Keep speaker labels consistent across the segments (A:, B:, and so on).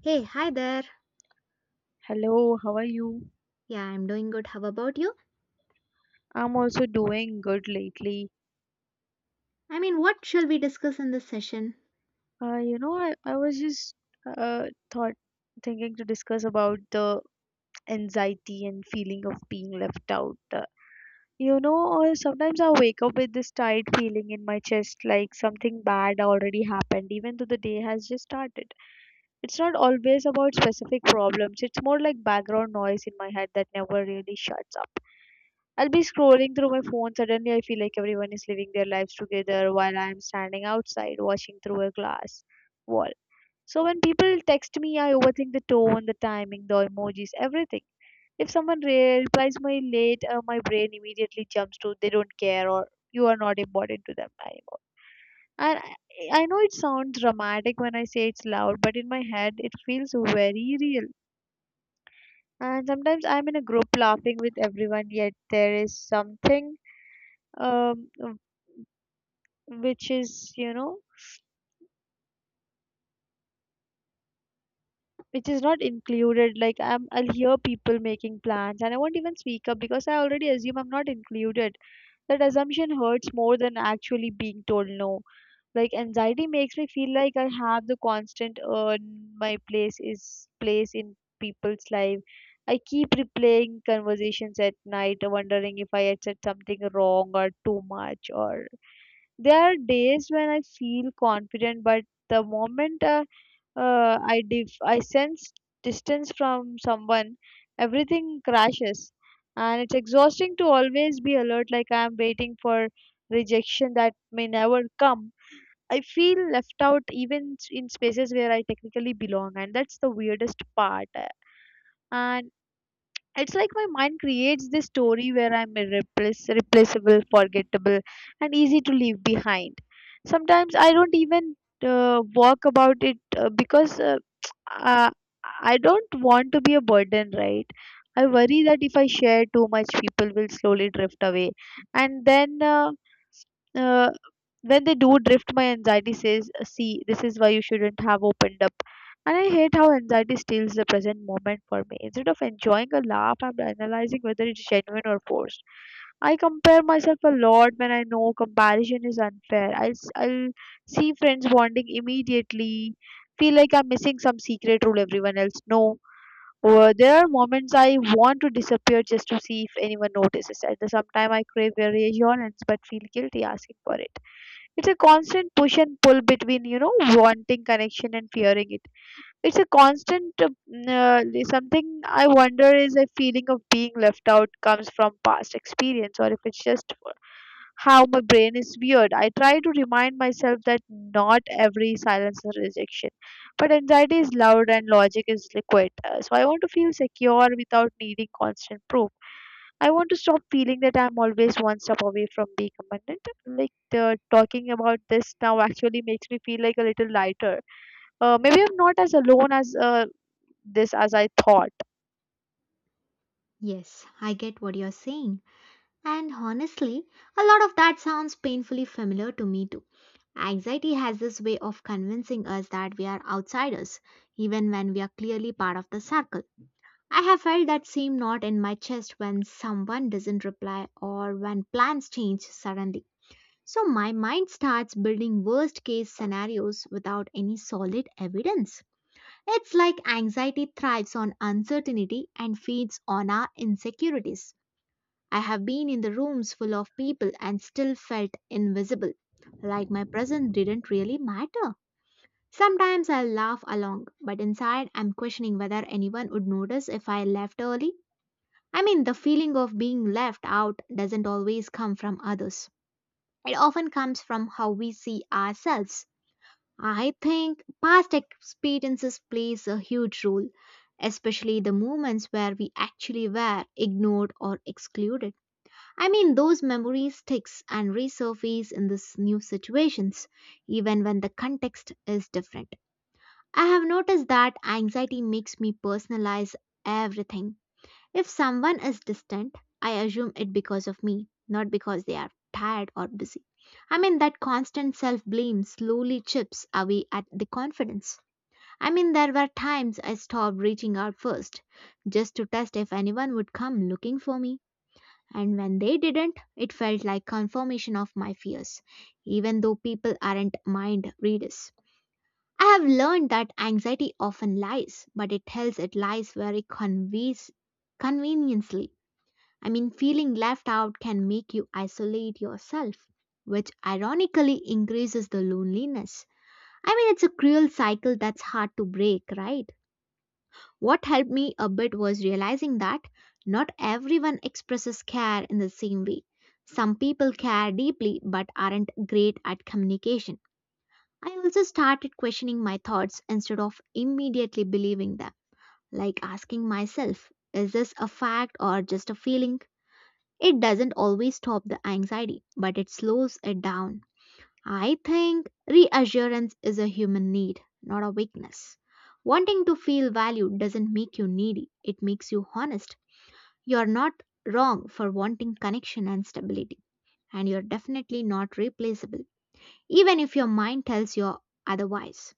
A: Hey, hi there.
B: Hello, how are you?
A: Yeah, I'm doing good. How about you?
B: I'm also doing good lately.
A: I mean, what shall we discuss in this session?
B: I was just thought thinking to discuss about the anxiety and feeling of being left out. Sometimes I wake up with this tight feeling in my chest like something bad already happened, even though the day has just started. It's not always about specific problems, it's more like background noise in my head that never really shuts up. I'll be scrolling through my phone. Suddenly, I feel like everyone is living their lives together while I am standing outside watching through a glass wall. So, when people text me, I overthink the tone, the timing, the emojis, everything. If someone replies my late, my brain immediately jumps to they don't care or you are not important to them anymore. And I know it sounds dramatic when I say it's loud, but in my head, it feels very real. And sometimes I'm in a group laughing with everyone, yet there is something um, which is you know which is not included. Like I'll hear people making plans and I won't even speak up because I already assume I'm not included. That assumption hurts more than actually being told no, like anxiety makes me feel like I have the constant my place is place in people's life. I keep replaying conversations at night wondering if I had said something wrong or too much or... There are days when I feel confident, but the moment I sense distance from someone, everything crashes, and it's exhausting to always be alert, like I am waiting for rejection that may never come. I feel left out even in spaces where I technically belong, and that's the weirdest part. And it's like my mind creates this story where I'm replaceable, forgettable, and easy to leave behind. Sometimes I don't even walk about it because uh, I don't want to be a burden, right? I worry that if I share too much, people will slowly drift away, and then. uh, when they do drift, my anxiety says, "See, this is why you shouldn't have opened up" and I hate how anxiety steals the present moment for me. Instead of enjoying a laugh, I'm analyzing whether it's genuine or forced. I compare myself a lot when I know comparison is unfair. I'll see friends bonding immediately, feel like I'm missing some secret rule everyone else know. Or there are moments I want to disappear just to see if anyone notices. At the same time, I crave reassurance but feel guilty asking for it. It's a constant push and pull between, wanting connection and fearing it. It's a constant something I wonder is a feeling of being left out comes from past experience or if it's just how my brain is weird. I try to remind myself that not every silence is rejection, but anxiety is loud and logic is liquid. So I want to feel secure without needing constant proof. I want to stop feeling that I'm always one step away from being abundant. Like the, talking about this now actually makes me feel like a little lighter. Maybe I'm not as alone as this as I thought.
A: Yes, I get what you're saying. And honestly, a lot of that sounds painfully familiar to me too. Anxiety has this way of convincing us that we are outsiders, even when we are clearly part of the circle. I have felt that same knot in my chest when someone doesn't reply or when plans change suddenly. So my mind starts building worst case scenarios without any solid evidence. It's like anxiety thrives on uncertainty and feeds on our insecurities. I have been in the rooms full of people and still felt invisible, like my presence didn't really matter. Sometimes I laugh along, but inside I'm questioning whether anyone would notice if I left early. I mean, the feeling of being left out doesn't always come from others. It often comes from how we see ourselves. I think past experiences plays a huge role, especially the moments where we actually were ignored or excluded. I mean, those memories sticks and resurface in this new situations, even when the context is different. I have noticed that anxiety makes me personalize everything if someone is distant, I assume it because of me, not because they are tired or busy. I mean, that constant self blame slowly chips away at the confidence. I mean, there were times I stopped reaching out first, just to test if anyone would come looking for me. And when they didn't, it felt like confirmation of my fears, even though people aren't mind readers. I have learned that anxiety often lies, but it tells it lies very conveys, conveniently. I mean, feeling left out can make you isolate yourself, which ironically increases the loneliness. I mean, it's a cruel cycle that's hard to break, right? What helped me a bit was realizing that not everyone expresses care in the same way. Some people care deeply but aren't great at communication. I also started questioning my thoughts instead of immediately believing them, like asking myself, is this a fact or just a feeling? It doesn't always stop the anxiety, but it slows it down. I think reassurance is a human need, not a weakness. Wanting to feel valued doesn't make you needy, it makes you honest. You're not wrong for wanting connection and stability, and you're definitely not replaceable, even if your mind tells you otherwise.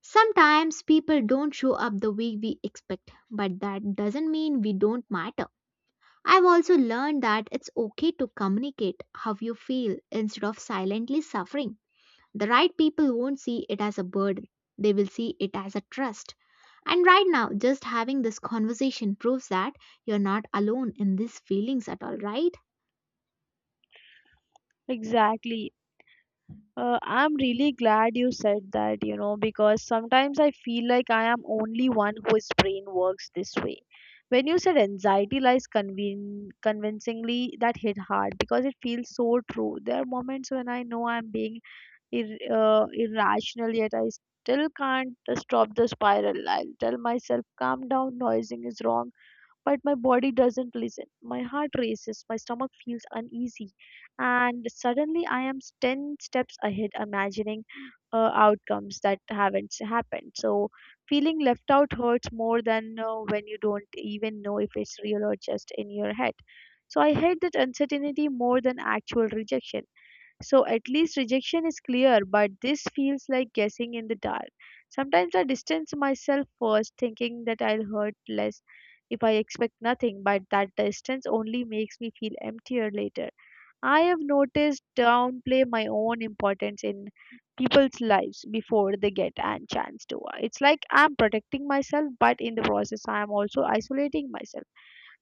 A: Sometimes people don't show up the way we expect, but that doesn't mean we don't matter. I've also learned that it's okay to communicate how you feel instead of silently suffering. The right people won't see it as a burden, they will see it as a trust. And right now, just having this conversation proves that you're not alone in these feelings at all, right?
B: Exactly. I'm really glad you said that, because sometimes I feel like I am only one whose brain works this way. When you said anxiety lies convincingly, that hit hard because it feels so true. There are moments when I know I'm being irrational, yet I still can't stop the spiral. I'll tell myself, calm down, noising is wrong but my body doesn't listen. My heart races, my stomach feels uneasy, and suddenly I am 10 steps ahead, imagining outcomes that haven't happened. So, feeling left out hurts more than when you don't even know if it's real or just in your head. So, I hate that uncertainty more than actual rejection. So at least rejection is clear, but this feels like guessing in the dark. Sometimes I distance myself first, thinking that I'll hurt less if I expect nothing, but that distance only makes me feel emptier later. I have noticed downplay my own importance in people's lives before they get a chance to. It's like I'm protecting myself, but in the process, I am also isolating myself.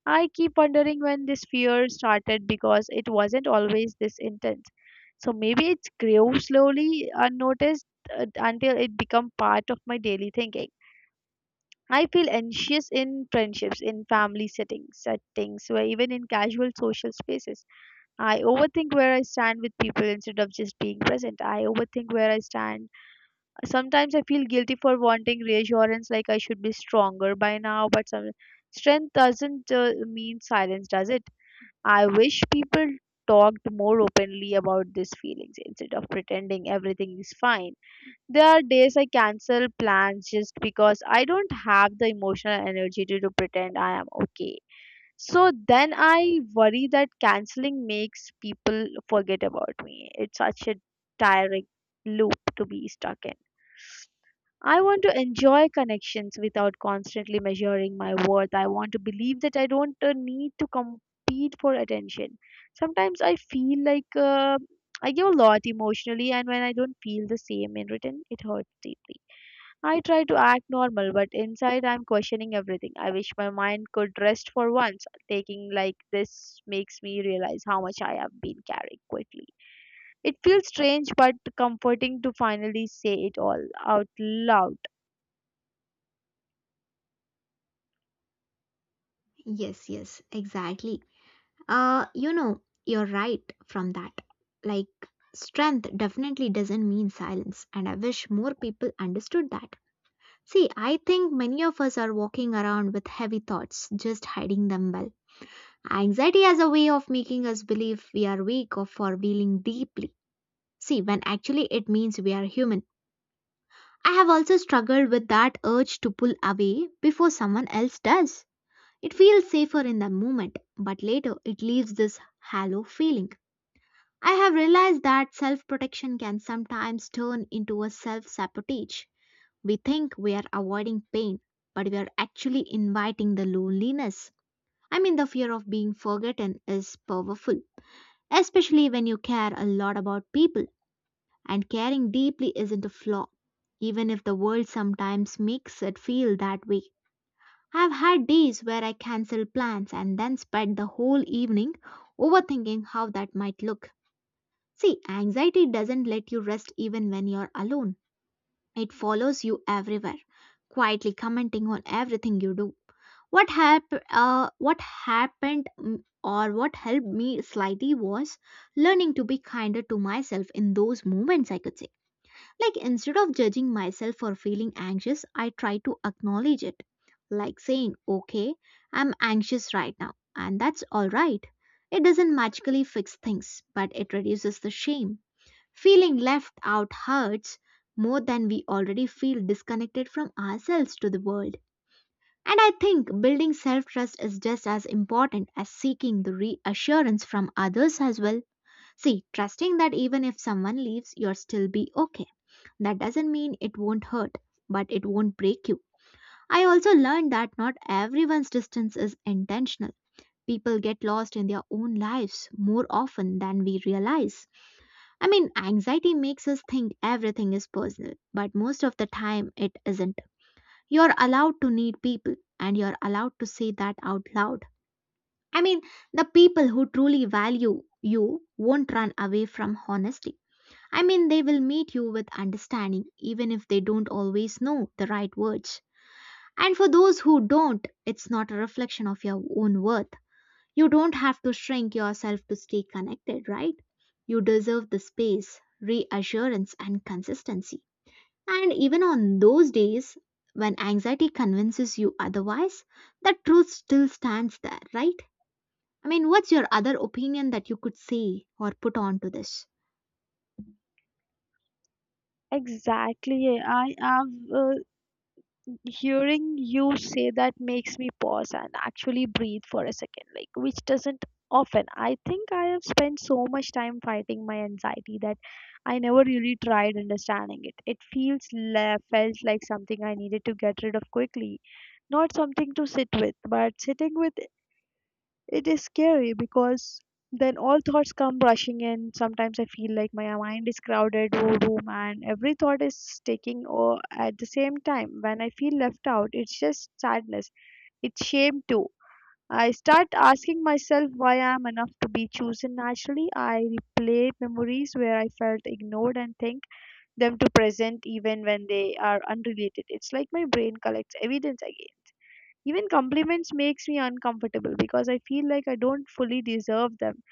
B: I keep wondering when this fear started because it wasn't always this intense. So maybe it grew slowly, unnoticed, until it became part of my daily thinking. I feel anxious in friendships, in family settings, where even in casual social spaces. I overthink where I stand with people instead of just being present. I overthink where I stand. Sometimes I feel guilty for wanting reassurance, like I should be stronger by now, but some strength doesn't mean silence, does it? I wish people talked more openly about these feelings instead of pretending everything is fine. There are days I cancel plans just because I don't have the emotional energy to pretend I am okay. So then I worry that canceling makes people forget about me. It's such a tiring loop to be stuck in. I want to enjoy connections without constantly measuring my worth. I want to believe that I don't need to compete for attention. Sometimes I feel like I give a lot emotionally, and when I don't feel the same in return, it hurts deeply. I try to act normal, but inside I'm questioning everything. I wish my mind could rest for once. Taking like this makes me realize how much I have been carrying quickly. It feels strange but comforting to finally say it all out loud.
A: Yes, yes, exactly. You know, you're right from that. Like, strength definitely doesn't mean silence, and I wish more people understood that. See, I think many of us are walking around with heavy thoughts, just hiding them well. Anxiety has a way of making us believe we are weak or for feeling deeply. See, when actually it means we are human. I have also struggled with that urge to pull away before someone else does. It feels safer in the moment, but later it leaves this hollow feeling. I have realized that self protection can sometimes turn into a self sabotage. We think we are avoiding pain, but we are actually inviting the loneliness. I mean, the fear of being forgotten is powerful, especially when you care a lot about people, and caring deeply isn't a flaw, even if the world sometimes makes it feel that way. I've had days where I cancel plans and then spend the whole evening overthinking how that might look. See, anxiety doesn't let you rest even when you're alone. It follows you everywhere, quietly commenting on everything you do. What happened, or what helped me slightly was learning to be kinder to myself in those moments, I could say. Like instead of judging myself for feeling anxious, I try to acknowledge it. Like saying, okay, I'm anxious right now, and that's all right. It doesn't magically fix things, but it reduces the shame. Feeling left out hurts more than we already feel disconnected from ourselves to the world. And I think building self trust is just as important as seeking the reassurance from others as well. See, trusting that even if someone leaves, you'll still be okay. That doesn't mean it won't hurt, but it won't break you. I also learned that not everyone's distance is intentional. People get lost in their own lives more often than we realize. I mean, anxiety makes us think everything is personal, but most of the time it isn't. You're allowed to need people and you're allowed to say that out loud. I mean, the people who truly value you won't run away from honesty. I mean, they will meet you with understanding even if they don't always know the right words. And for those who don't, it's not a reflection of your own worth. You don't have to shrink yourself to stay connected, right? You deserve the space, reassurance, and consistency. And even on those days when anxiety convinces you otherwise, that truth still stands there, right? I mean, what's your other opinion that you could say or put on to this?
B: Exactly. Yeah. I am hearing you say that makes me pause and actually breathe for a second, like which doesn't often. I think I have spent so much time fighting my anxiety that I never really tried understanding it. It feels felt like something I needed to get rid of quickly, not something to sit with, but sitting with it is scary because then all thoughts come rushing in. Sometimes I feel like my mind is crowded whole room and every thought is taking over at the same time. When I feel left out, it's just sadness. It's shame too. I start asking myself why I am enough to be chosen naturally. I replay memories where I felt ignored and think them to present even when they are unrelated. It's like my brain collects evidence again. Even compliments makes me uncomfortable because I feel like I don't fully deserve them.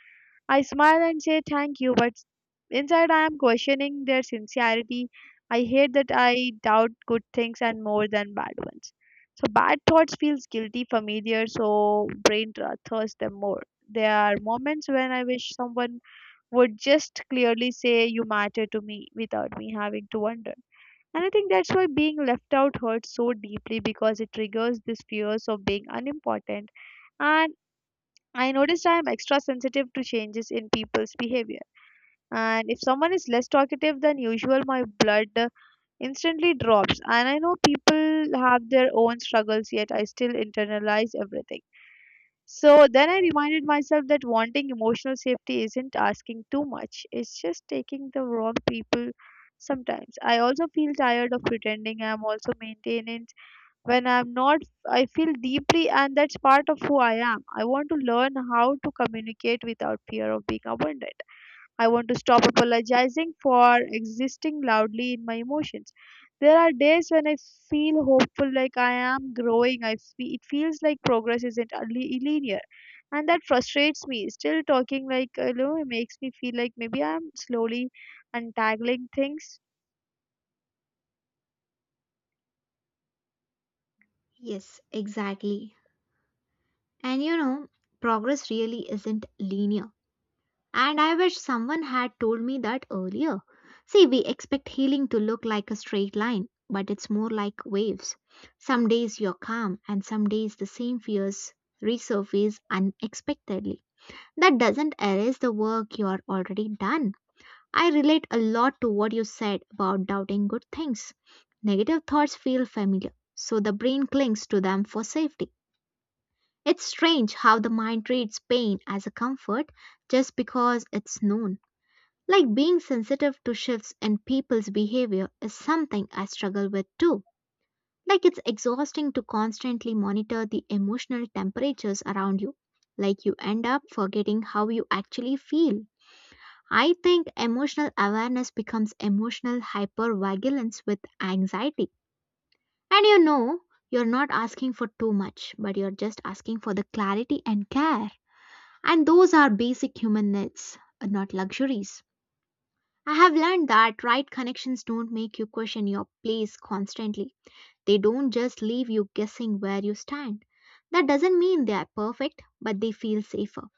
B: I smile and say thank you, but inside I am questioning their sincerity. I hate that I doubt good things and more than bad ones. So bad thoughts feels guilty familiar, so brain thirsts them more. There are moments when I wish someone would just clearly say you matter to me without me having to wonder. And I think that's why being left out hurts so deeply because it triggers these fears of being unimportant. And I noticed I'm extra sensitive to changes in people's behavior. And if someone is less talkative than usual, my blood instantly drops. And I know people have their own struggles, yet I still internalize everything. So then I reminded myself that wanting emotional safety isn't asking too much, it's just taking the wrong people sometimes. I also feel tired of pretending I'm also maintenance when I'm not. I feel deeply, and that's part of who I am. I want to learn how to communicate without fear of being abandoned. I want to stop apologizing for existing loudly in my emotions. There are days when I feel hopeful, like I am growing. It feels like progress isn't a linear, and that frustrates me. Still talking like it makes me feel like maybe I'm slowly untangling things.
A: Yes, exactly. And you know, progress really isn't linear. And I wish someone had told me that earlier. See, we expect healing to look like a straight line, but it's more like waves. Some days you're calm, and some days the same fears resurface unexpectedly. That doesn't erase the work you're already done. I relate a lot to what you said about doubting good things. Negative thoughts feel familiar, so the brain clings to them for safety. It's strange how the mind treats pain as a comfort just because it's known. Like being sensitive to shifts in people's behavior is something I struggle with too. Like it's exhausting to constantly monitor the emotional temperatures around you. Like you end up forgetting how you actually feel. I think emotional awareness becomes emotional hypervigilance with anxiety. And you know, you're not asking for too much, but you're just asking for the clarity and care. And those are basic human needs, not luxuries. I have learned that right connections don't make you question your place constantly. They don't just leave you guessing where you stand. That doesn't mean they are perfect, but they feel safer.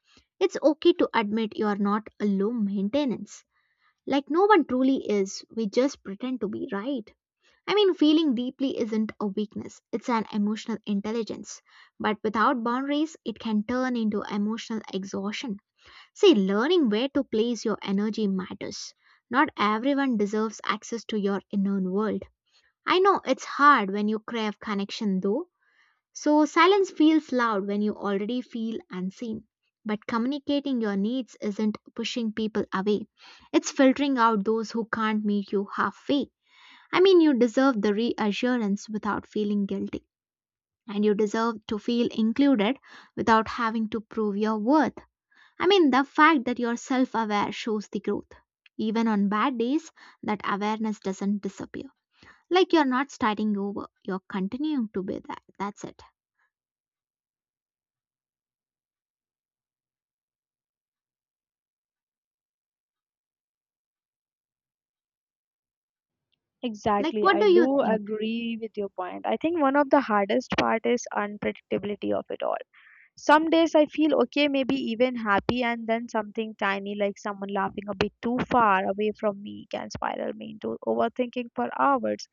A: It's okay to admit you are not a low maintenance. Like no one truly is, we just pretend to be right. I mean, feeling deeply isn't a weakness, it's an emotional intelligence. But without boundaries, it can turn into emotional exhaustion. See, learning where to place your energy matters. Not everyone deserves access to your inner world. I know it's hard when you crave connection though, so silence feels loud when you already feel unseen. But communicating your needs isn't pushing people away, it's filtering out those who can't meet you halfway. I mean, you deserve the reassurance without feeling guilty, and you deserve to feel included without having to prove your worth. I mean, the fact that you're self aware shows the growth. Even on bad days, that awareness doesn't disappear. Like you're not starting over, you're continuing to be that. That's it. Like,
B: Exactly,
A: what
B: I
A: do you
B: do
A: think?
B: agree with your point. I think one of the hardest part is unpredictability of it all. Some days I feel okay, maybe even happy, and then something tiny like someone laughing a bit too far away from me can spiral me into overthinking for hours.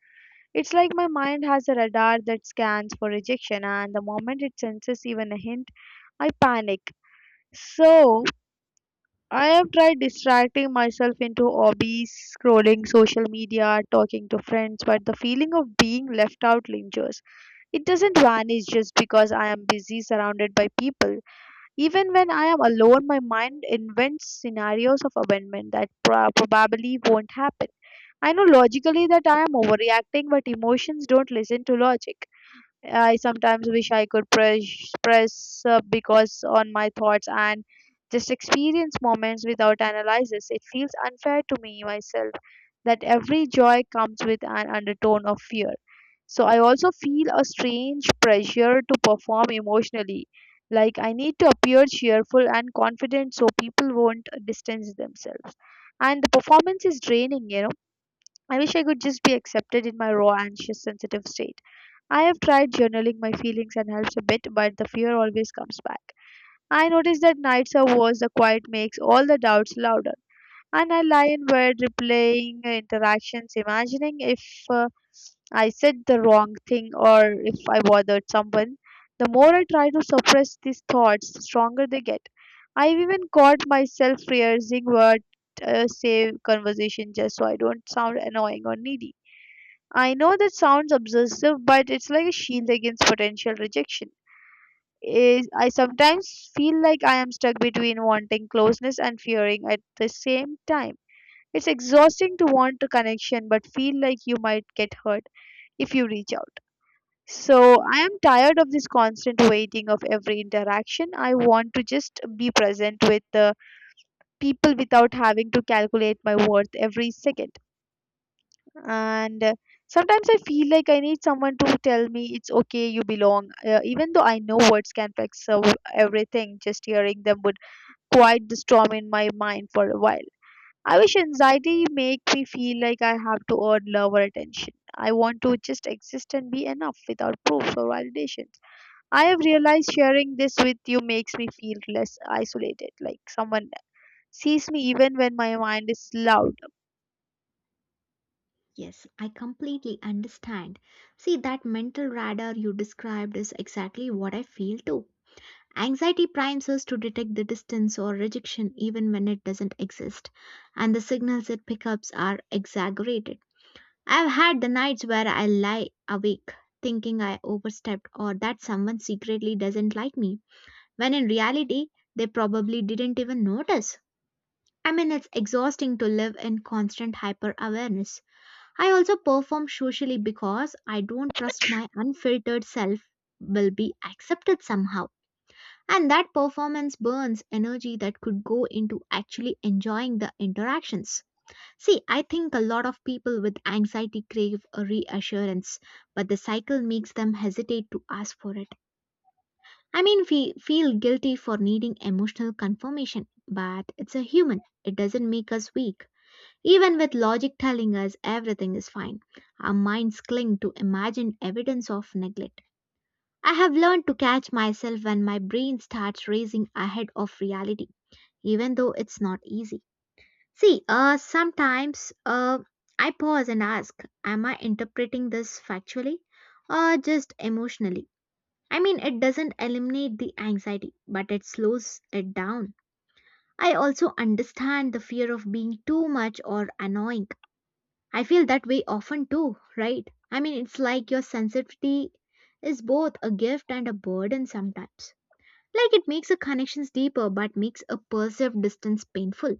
B: It's like my mind has a radar that scans for rejection, and the moment it senses even a hint, I panic. So, I have tried distracting myself into hobbies, scrolling social media, talking to friends, but the feeling of being left out lingers. It doesn't vanish just because I am busy surrounded by people. Even when I am alone, my mind invents scenarios of abandonment that probably won't happen. I know logically that I am overreacting, but emotions don't listen to logic. I sometimes wish I could press because on my thoughts and just experience moments without analysis. It feels unfair to me myself that every joy comes with an undertone of fear. So I also feel a strange pressure to perform emotionally. Like I need to appear cheerful and confident so people won't distance themselves. And the performance is draining, I wish I could just be accepted in my raw, anxious, sensitive state. I have tried journaling my feelings and helps a bit, but the fear always comes back. I notice that nights are worse, the quiet makes all the doubts louder. And I lie in bed replaying interactions, imagining if uh, I said the wrong thing or if I bothered someone. The more I try to suppress these thoughts, the stronger they get. I've even caught myself rehearsing what say conversation just so I don't sound annoying or needy. I know that sounds obsessive, but it's like a shield against potential rejection. I sometimes feel like I am stuck between wanting closeness and fearing at the same time. It's exhausting to want a connection but feel like you might get hurt if you reach out. So I am tired of this constant waiting of every interaction. I want to just be present with the people without having to calculate my worth every second. And Sometimes I feel like I need someone to tell me it's okay, you belong, even though I know words can fix everything, just hearing them would quiet the storm in my mind for a while. I wish anxiety make me feel like I have to earn love or attention. I want to just exist and be enough without proofs or validations. I have realized sharing this with you makes me feel less isolated, like someone sees me even when my mind is loud.
A: Yes, I completely understand. See, that mental radar you described is exactly what I feel too. Anxiety primes us to detect the distance or rejection even when it doesn't exist, and the signals it picks up are exaggerated I've had the nights where I lie awake thinking I overstepped or that someone secretly doesn't like me, when in reality, they probably didn't even notice. I mean, it's exhausting to live in constant hyper awareness. I also perform socially because I don't trust my unfiltered self will be accepted somehow. And that performance burns energy that could go into actually enjoying the interactions. See, I think a lot of people with anxiety crave a reassurance, but the cycle makes them hesitate to ask for it. I mean, we feel guilty for needing emotional confirmation, but it's a human. It doesn't make us weak. Even with logic telling us everything is fine, our minds cling to imagined evidence of neglect. I have learned to catch myself when my brain starts racing ahead of reality, even though it's not easy. See, sometimes I pause and ask, am I interpreting this factually or just emotionally? I mean, it doesn't eliminate the anxiety, but it slows it down. I also understand the fear of being too much or annoying. I feel that way often too, right? I mean, it's like your sensitivity is both a gift and a burden sometimes. Like it makes the connections deeper but makes a perceived distance painful.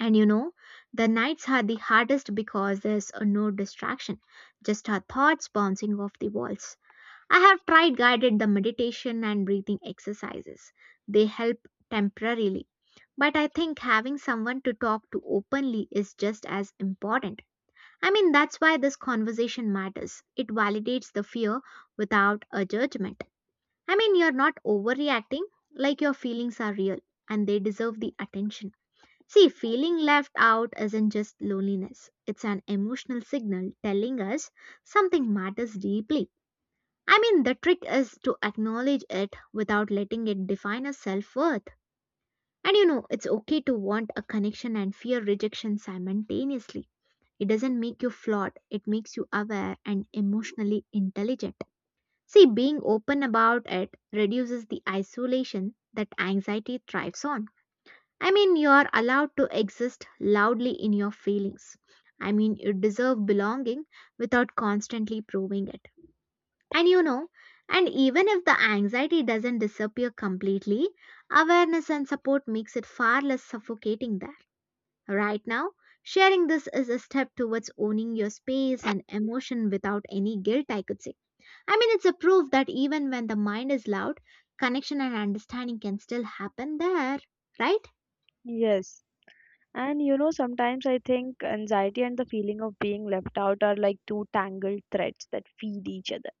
A: And you know, the nights are the hardest because there's no distraction, just our thoughts bouncing off the walls. I have tried guided the meditation and breathing exercises. They help temporarily. But I think having someone to talk to openly is just as important. I mean, that's why this conversation matters. It validates the fear without a judgment. I mean, you're not overreacting, like your feelings are real and they deserve the attention. See, feeling left out isn't just loneliness, it's an emotional signal telling us something matters deeply. I mean, the trick is to acknowledge it without letting it define our self worth. And you know, it's okay to want a connection and fear rejection simultaneously. It doesn't make you flawed, it makes you aware and emotionally intelligent. See, being open about it reduces the isolation that anxiety thrives on. I mean, you are allowed to exist loudly in your feelings. I mean, you deserve belonging without constantly proving it. And you know, and even if the anxiety doesn't disappear completely, awareness and support makes it far less suffocating there. Right now, sharing this is a step towards owning your space and emotion without any guilt, I could say. I mean, it's a proof that even when the mind is loud, connection and understanding can still happen there, right?
B: Yes. And you know, sometimes I think anxiety and the feeling of being left out are like two tangled threads that feed each other.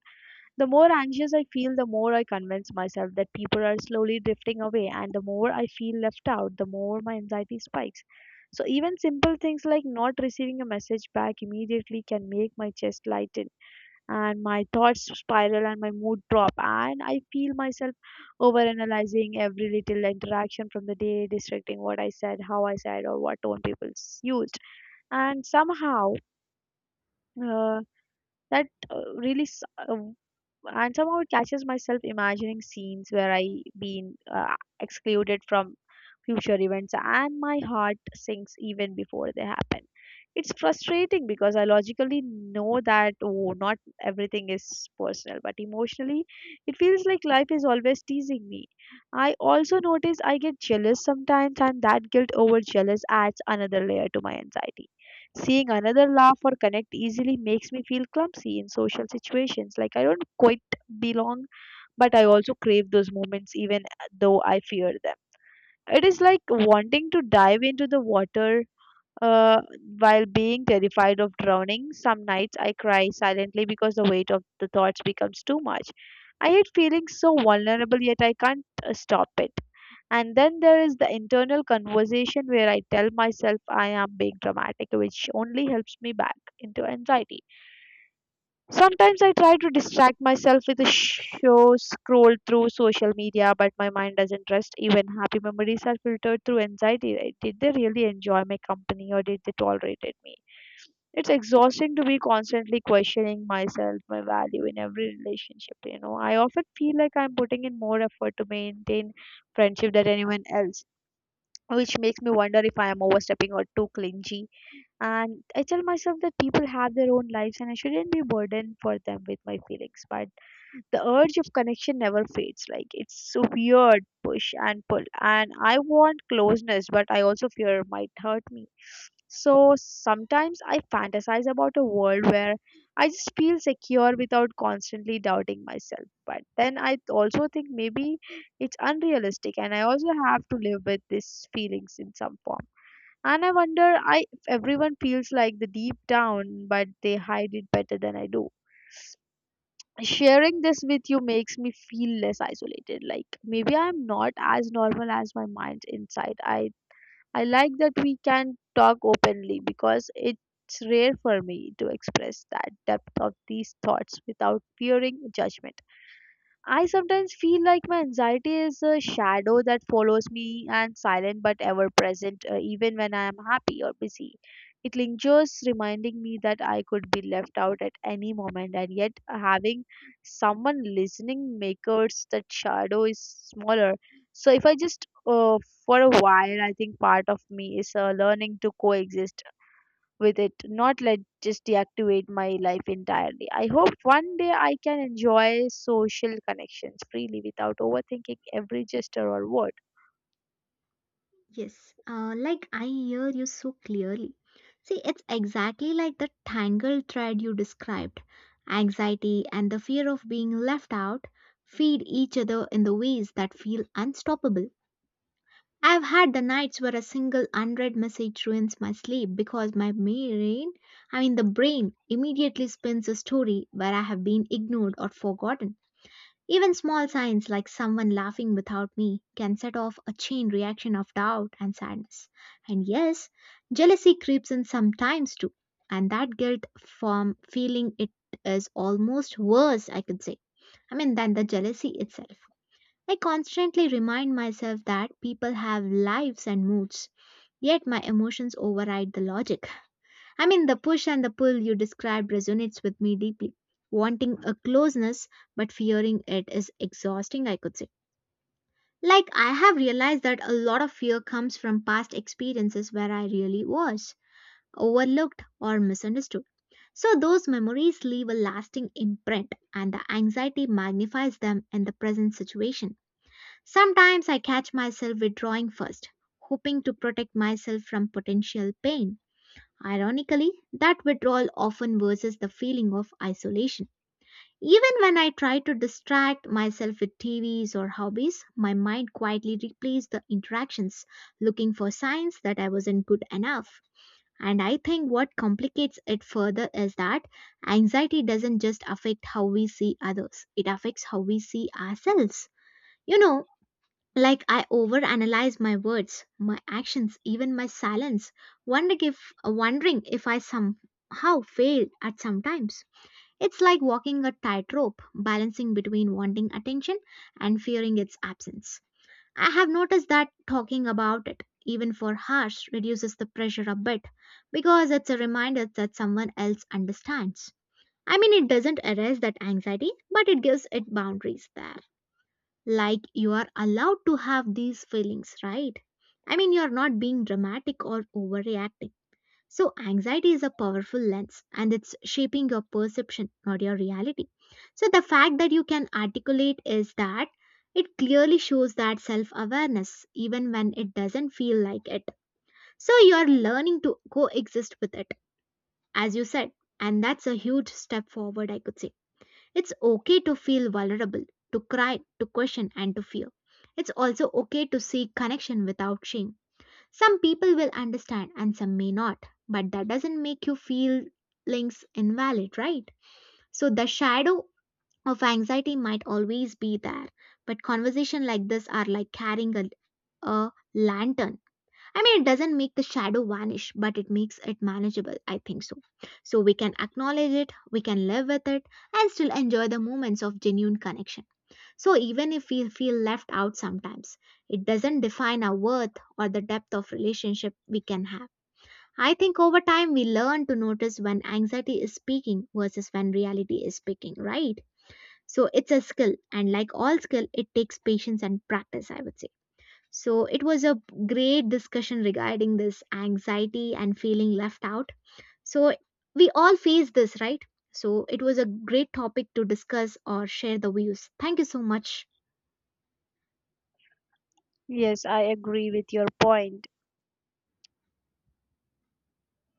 B: The more anxious I feel, the more I convince myself that people are slowly drifting away, and the more I feel left out, the more my anxiety spikes. So, even simple things like not receiving a message back immediately can make my chest lighten and my thoughts spiral and my mood drop, and I feel myself overanalyzing every little interaction from the day, distracting what I said, how I said or what tone used. And somehow, uh, that really and somehow it catches myself imagining scenes where I been excluded from future events, and my heart sinks even before they happen. It's frustrating because I logically know that, oh, not everything is personal, but emotionally, it feels like life is always teasing me. I also notice I get jealous sometimes, and that guilt over jealous adds another layer to my anxiety. Seeing another laugh or connect easily makes me feel clumsy in social situations. Like I don't quite belong, but I also crave those moments even though I fear them. It is like wanting to dive into the water uh, while being terrified of drowning. Some nights I cry silently because the weight of the thoughts becomes too much. I hate feeling so vulnerable, yet I can't stop it. And then there is the internal conversation where I tell myself I am being dramatic, which only helps me back into anxiety. Sometimes I try to distract myself with a show, scroll through social media, but my mind doesn't rest. Even happy memories are filtered through anxiety. Right? Did they really enjoy my company or did they tolerate me? It's exhausting to be constantly questioning myself, my value in every relationship. You know, I often feel like I'm putting in more effort to maintain friendship than anyone else, which makes me wonder if I am overstepping or too clingy. And I tell myself that people have their own lives and I shouldn't be burdened for them with my feelings. But the urge of connection never fades. Like it's a weird push and pull. And I want closeness, but I also fear it might hurt me. So sometimes I fantasize about a world where I just feel secure without constantly doubting myself. But then I also think maybe it's unrealistic and I also have to live with these feelings in some form. And I wonder if everyone feels like the deep down, but they hide it better than I do. Sharing this with you makes me feel less isolated. Like maybe I'm not as normal as my mind's inside. I like that we can talk openly because it's rare for me to express that depth of these thoughts without fearing judgment. I sometimes feel like my anxiety is a shadow that follows me and silent but ever present, even when I am happy or busy. It lingers, reminding me that I could be left out at any moment, and yet having someone listening makes that shadow is smaller. So, if I just for a while, I think part of me is learning to coexist with it, not let just deactivate my life entirely. I hope one day I can enjoy social connections freely without overthinking every gesture or word.
A: Yes, like I hear you so clearly. See, it's exactly like the tangled thread you described. Anxiety and the fear of being left out feed each other in the ways that feel unstoppable. I've had the nights where a single unread message ruins my sleep because my brain, I mean the brain, immediately spins a story where I have been ignored or forgotten. Even small signs like someone laughing without me can set off a chain reaction of doubt and sadness. And yes, jealousy creeps in sometimes too. And that guilt from feeling it is almost worse, I could say. I mean, than the jealousy itself. I constantly remind myself that people have lives and moods, yet my emotions override the logic. I mean, the push and the pull you described resonates with me deeply. Wanting a closeness but fearing it is exhausting, I could say. Like, I have realized that a lot of fear comes from past experiences where I really was overlooked or misunderstood. So, those memories leave a lasting imprint, and the anxiety magnifies them in the present situation. Sometimes I catch myself withdrawing first, hoping to protect myself from potential pain. Ironically, that withdrawal often worsens the feeling of isolation. Even when I try to distract myself with TVs or hobbies, my mind quietly replays the interactions, looking for signs that I wasn't good enough. And I think what complicates it further is that anxiety doesn't just affect how we see others, it affects how we see ourselves. You know, like I overanalyze my words, my actions, even my silence, wondering if I somehow failed at some times. It's like walking a tightrope, balancing between wanting attention and fearing its absence. I have noticed that talking about it, even for hours, reduces the pressure a bit because it's a reminder that someone else understands. I mean, it doesn't erase that anxiety, but it gives it boundaries there. Like you are allowed to have these feelings, right? I mean, you're not being dramatic or overreacting. So, anxiety is a powerful lens and it's shaping your perception, not your reality. So, the fact that you can articulate is that it clearly shows that self awareness, even when it doesn't feel like it. So, you're learning to coexist with it, as you said, and that's a huge step forward, I could say. It's okay to feel vulnerable, to cry, to question, and to fear. It's also okay to seek connection without shame. Some people will understand and some may not, but that doesn't make your feelings invalid, right? So the shadow of anxiety might always be there, but conversations like this are like carrying a lantern. I mean, it doesn't make the shadow vanish, but it makes it manageable, I think so. So we can acknowledge it, we can live with it, and still enjoy the moments of genuine connection. So even if we feel left out sometimes, it doesn't define our worth or the depth of relationship we can have. I think over time we learn to notice when anxiety is speaking versus when reality is speaking, right? So it's a skill, and like all skill, it takes patience and practice, I would say. So it was a great discussion regarding this anxiety and feeling left out. So we all face this, right? So it was a great topic to discuss or share the views. Thank you so much.
B: Yes, I agree with your point.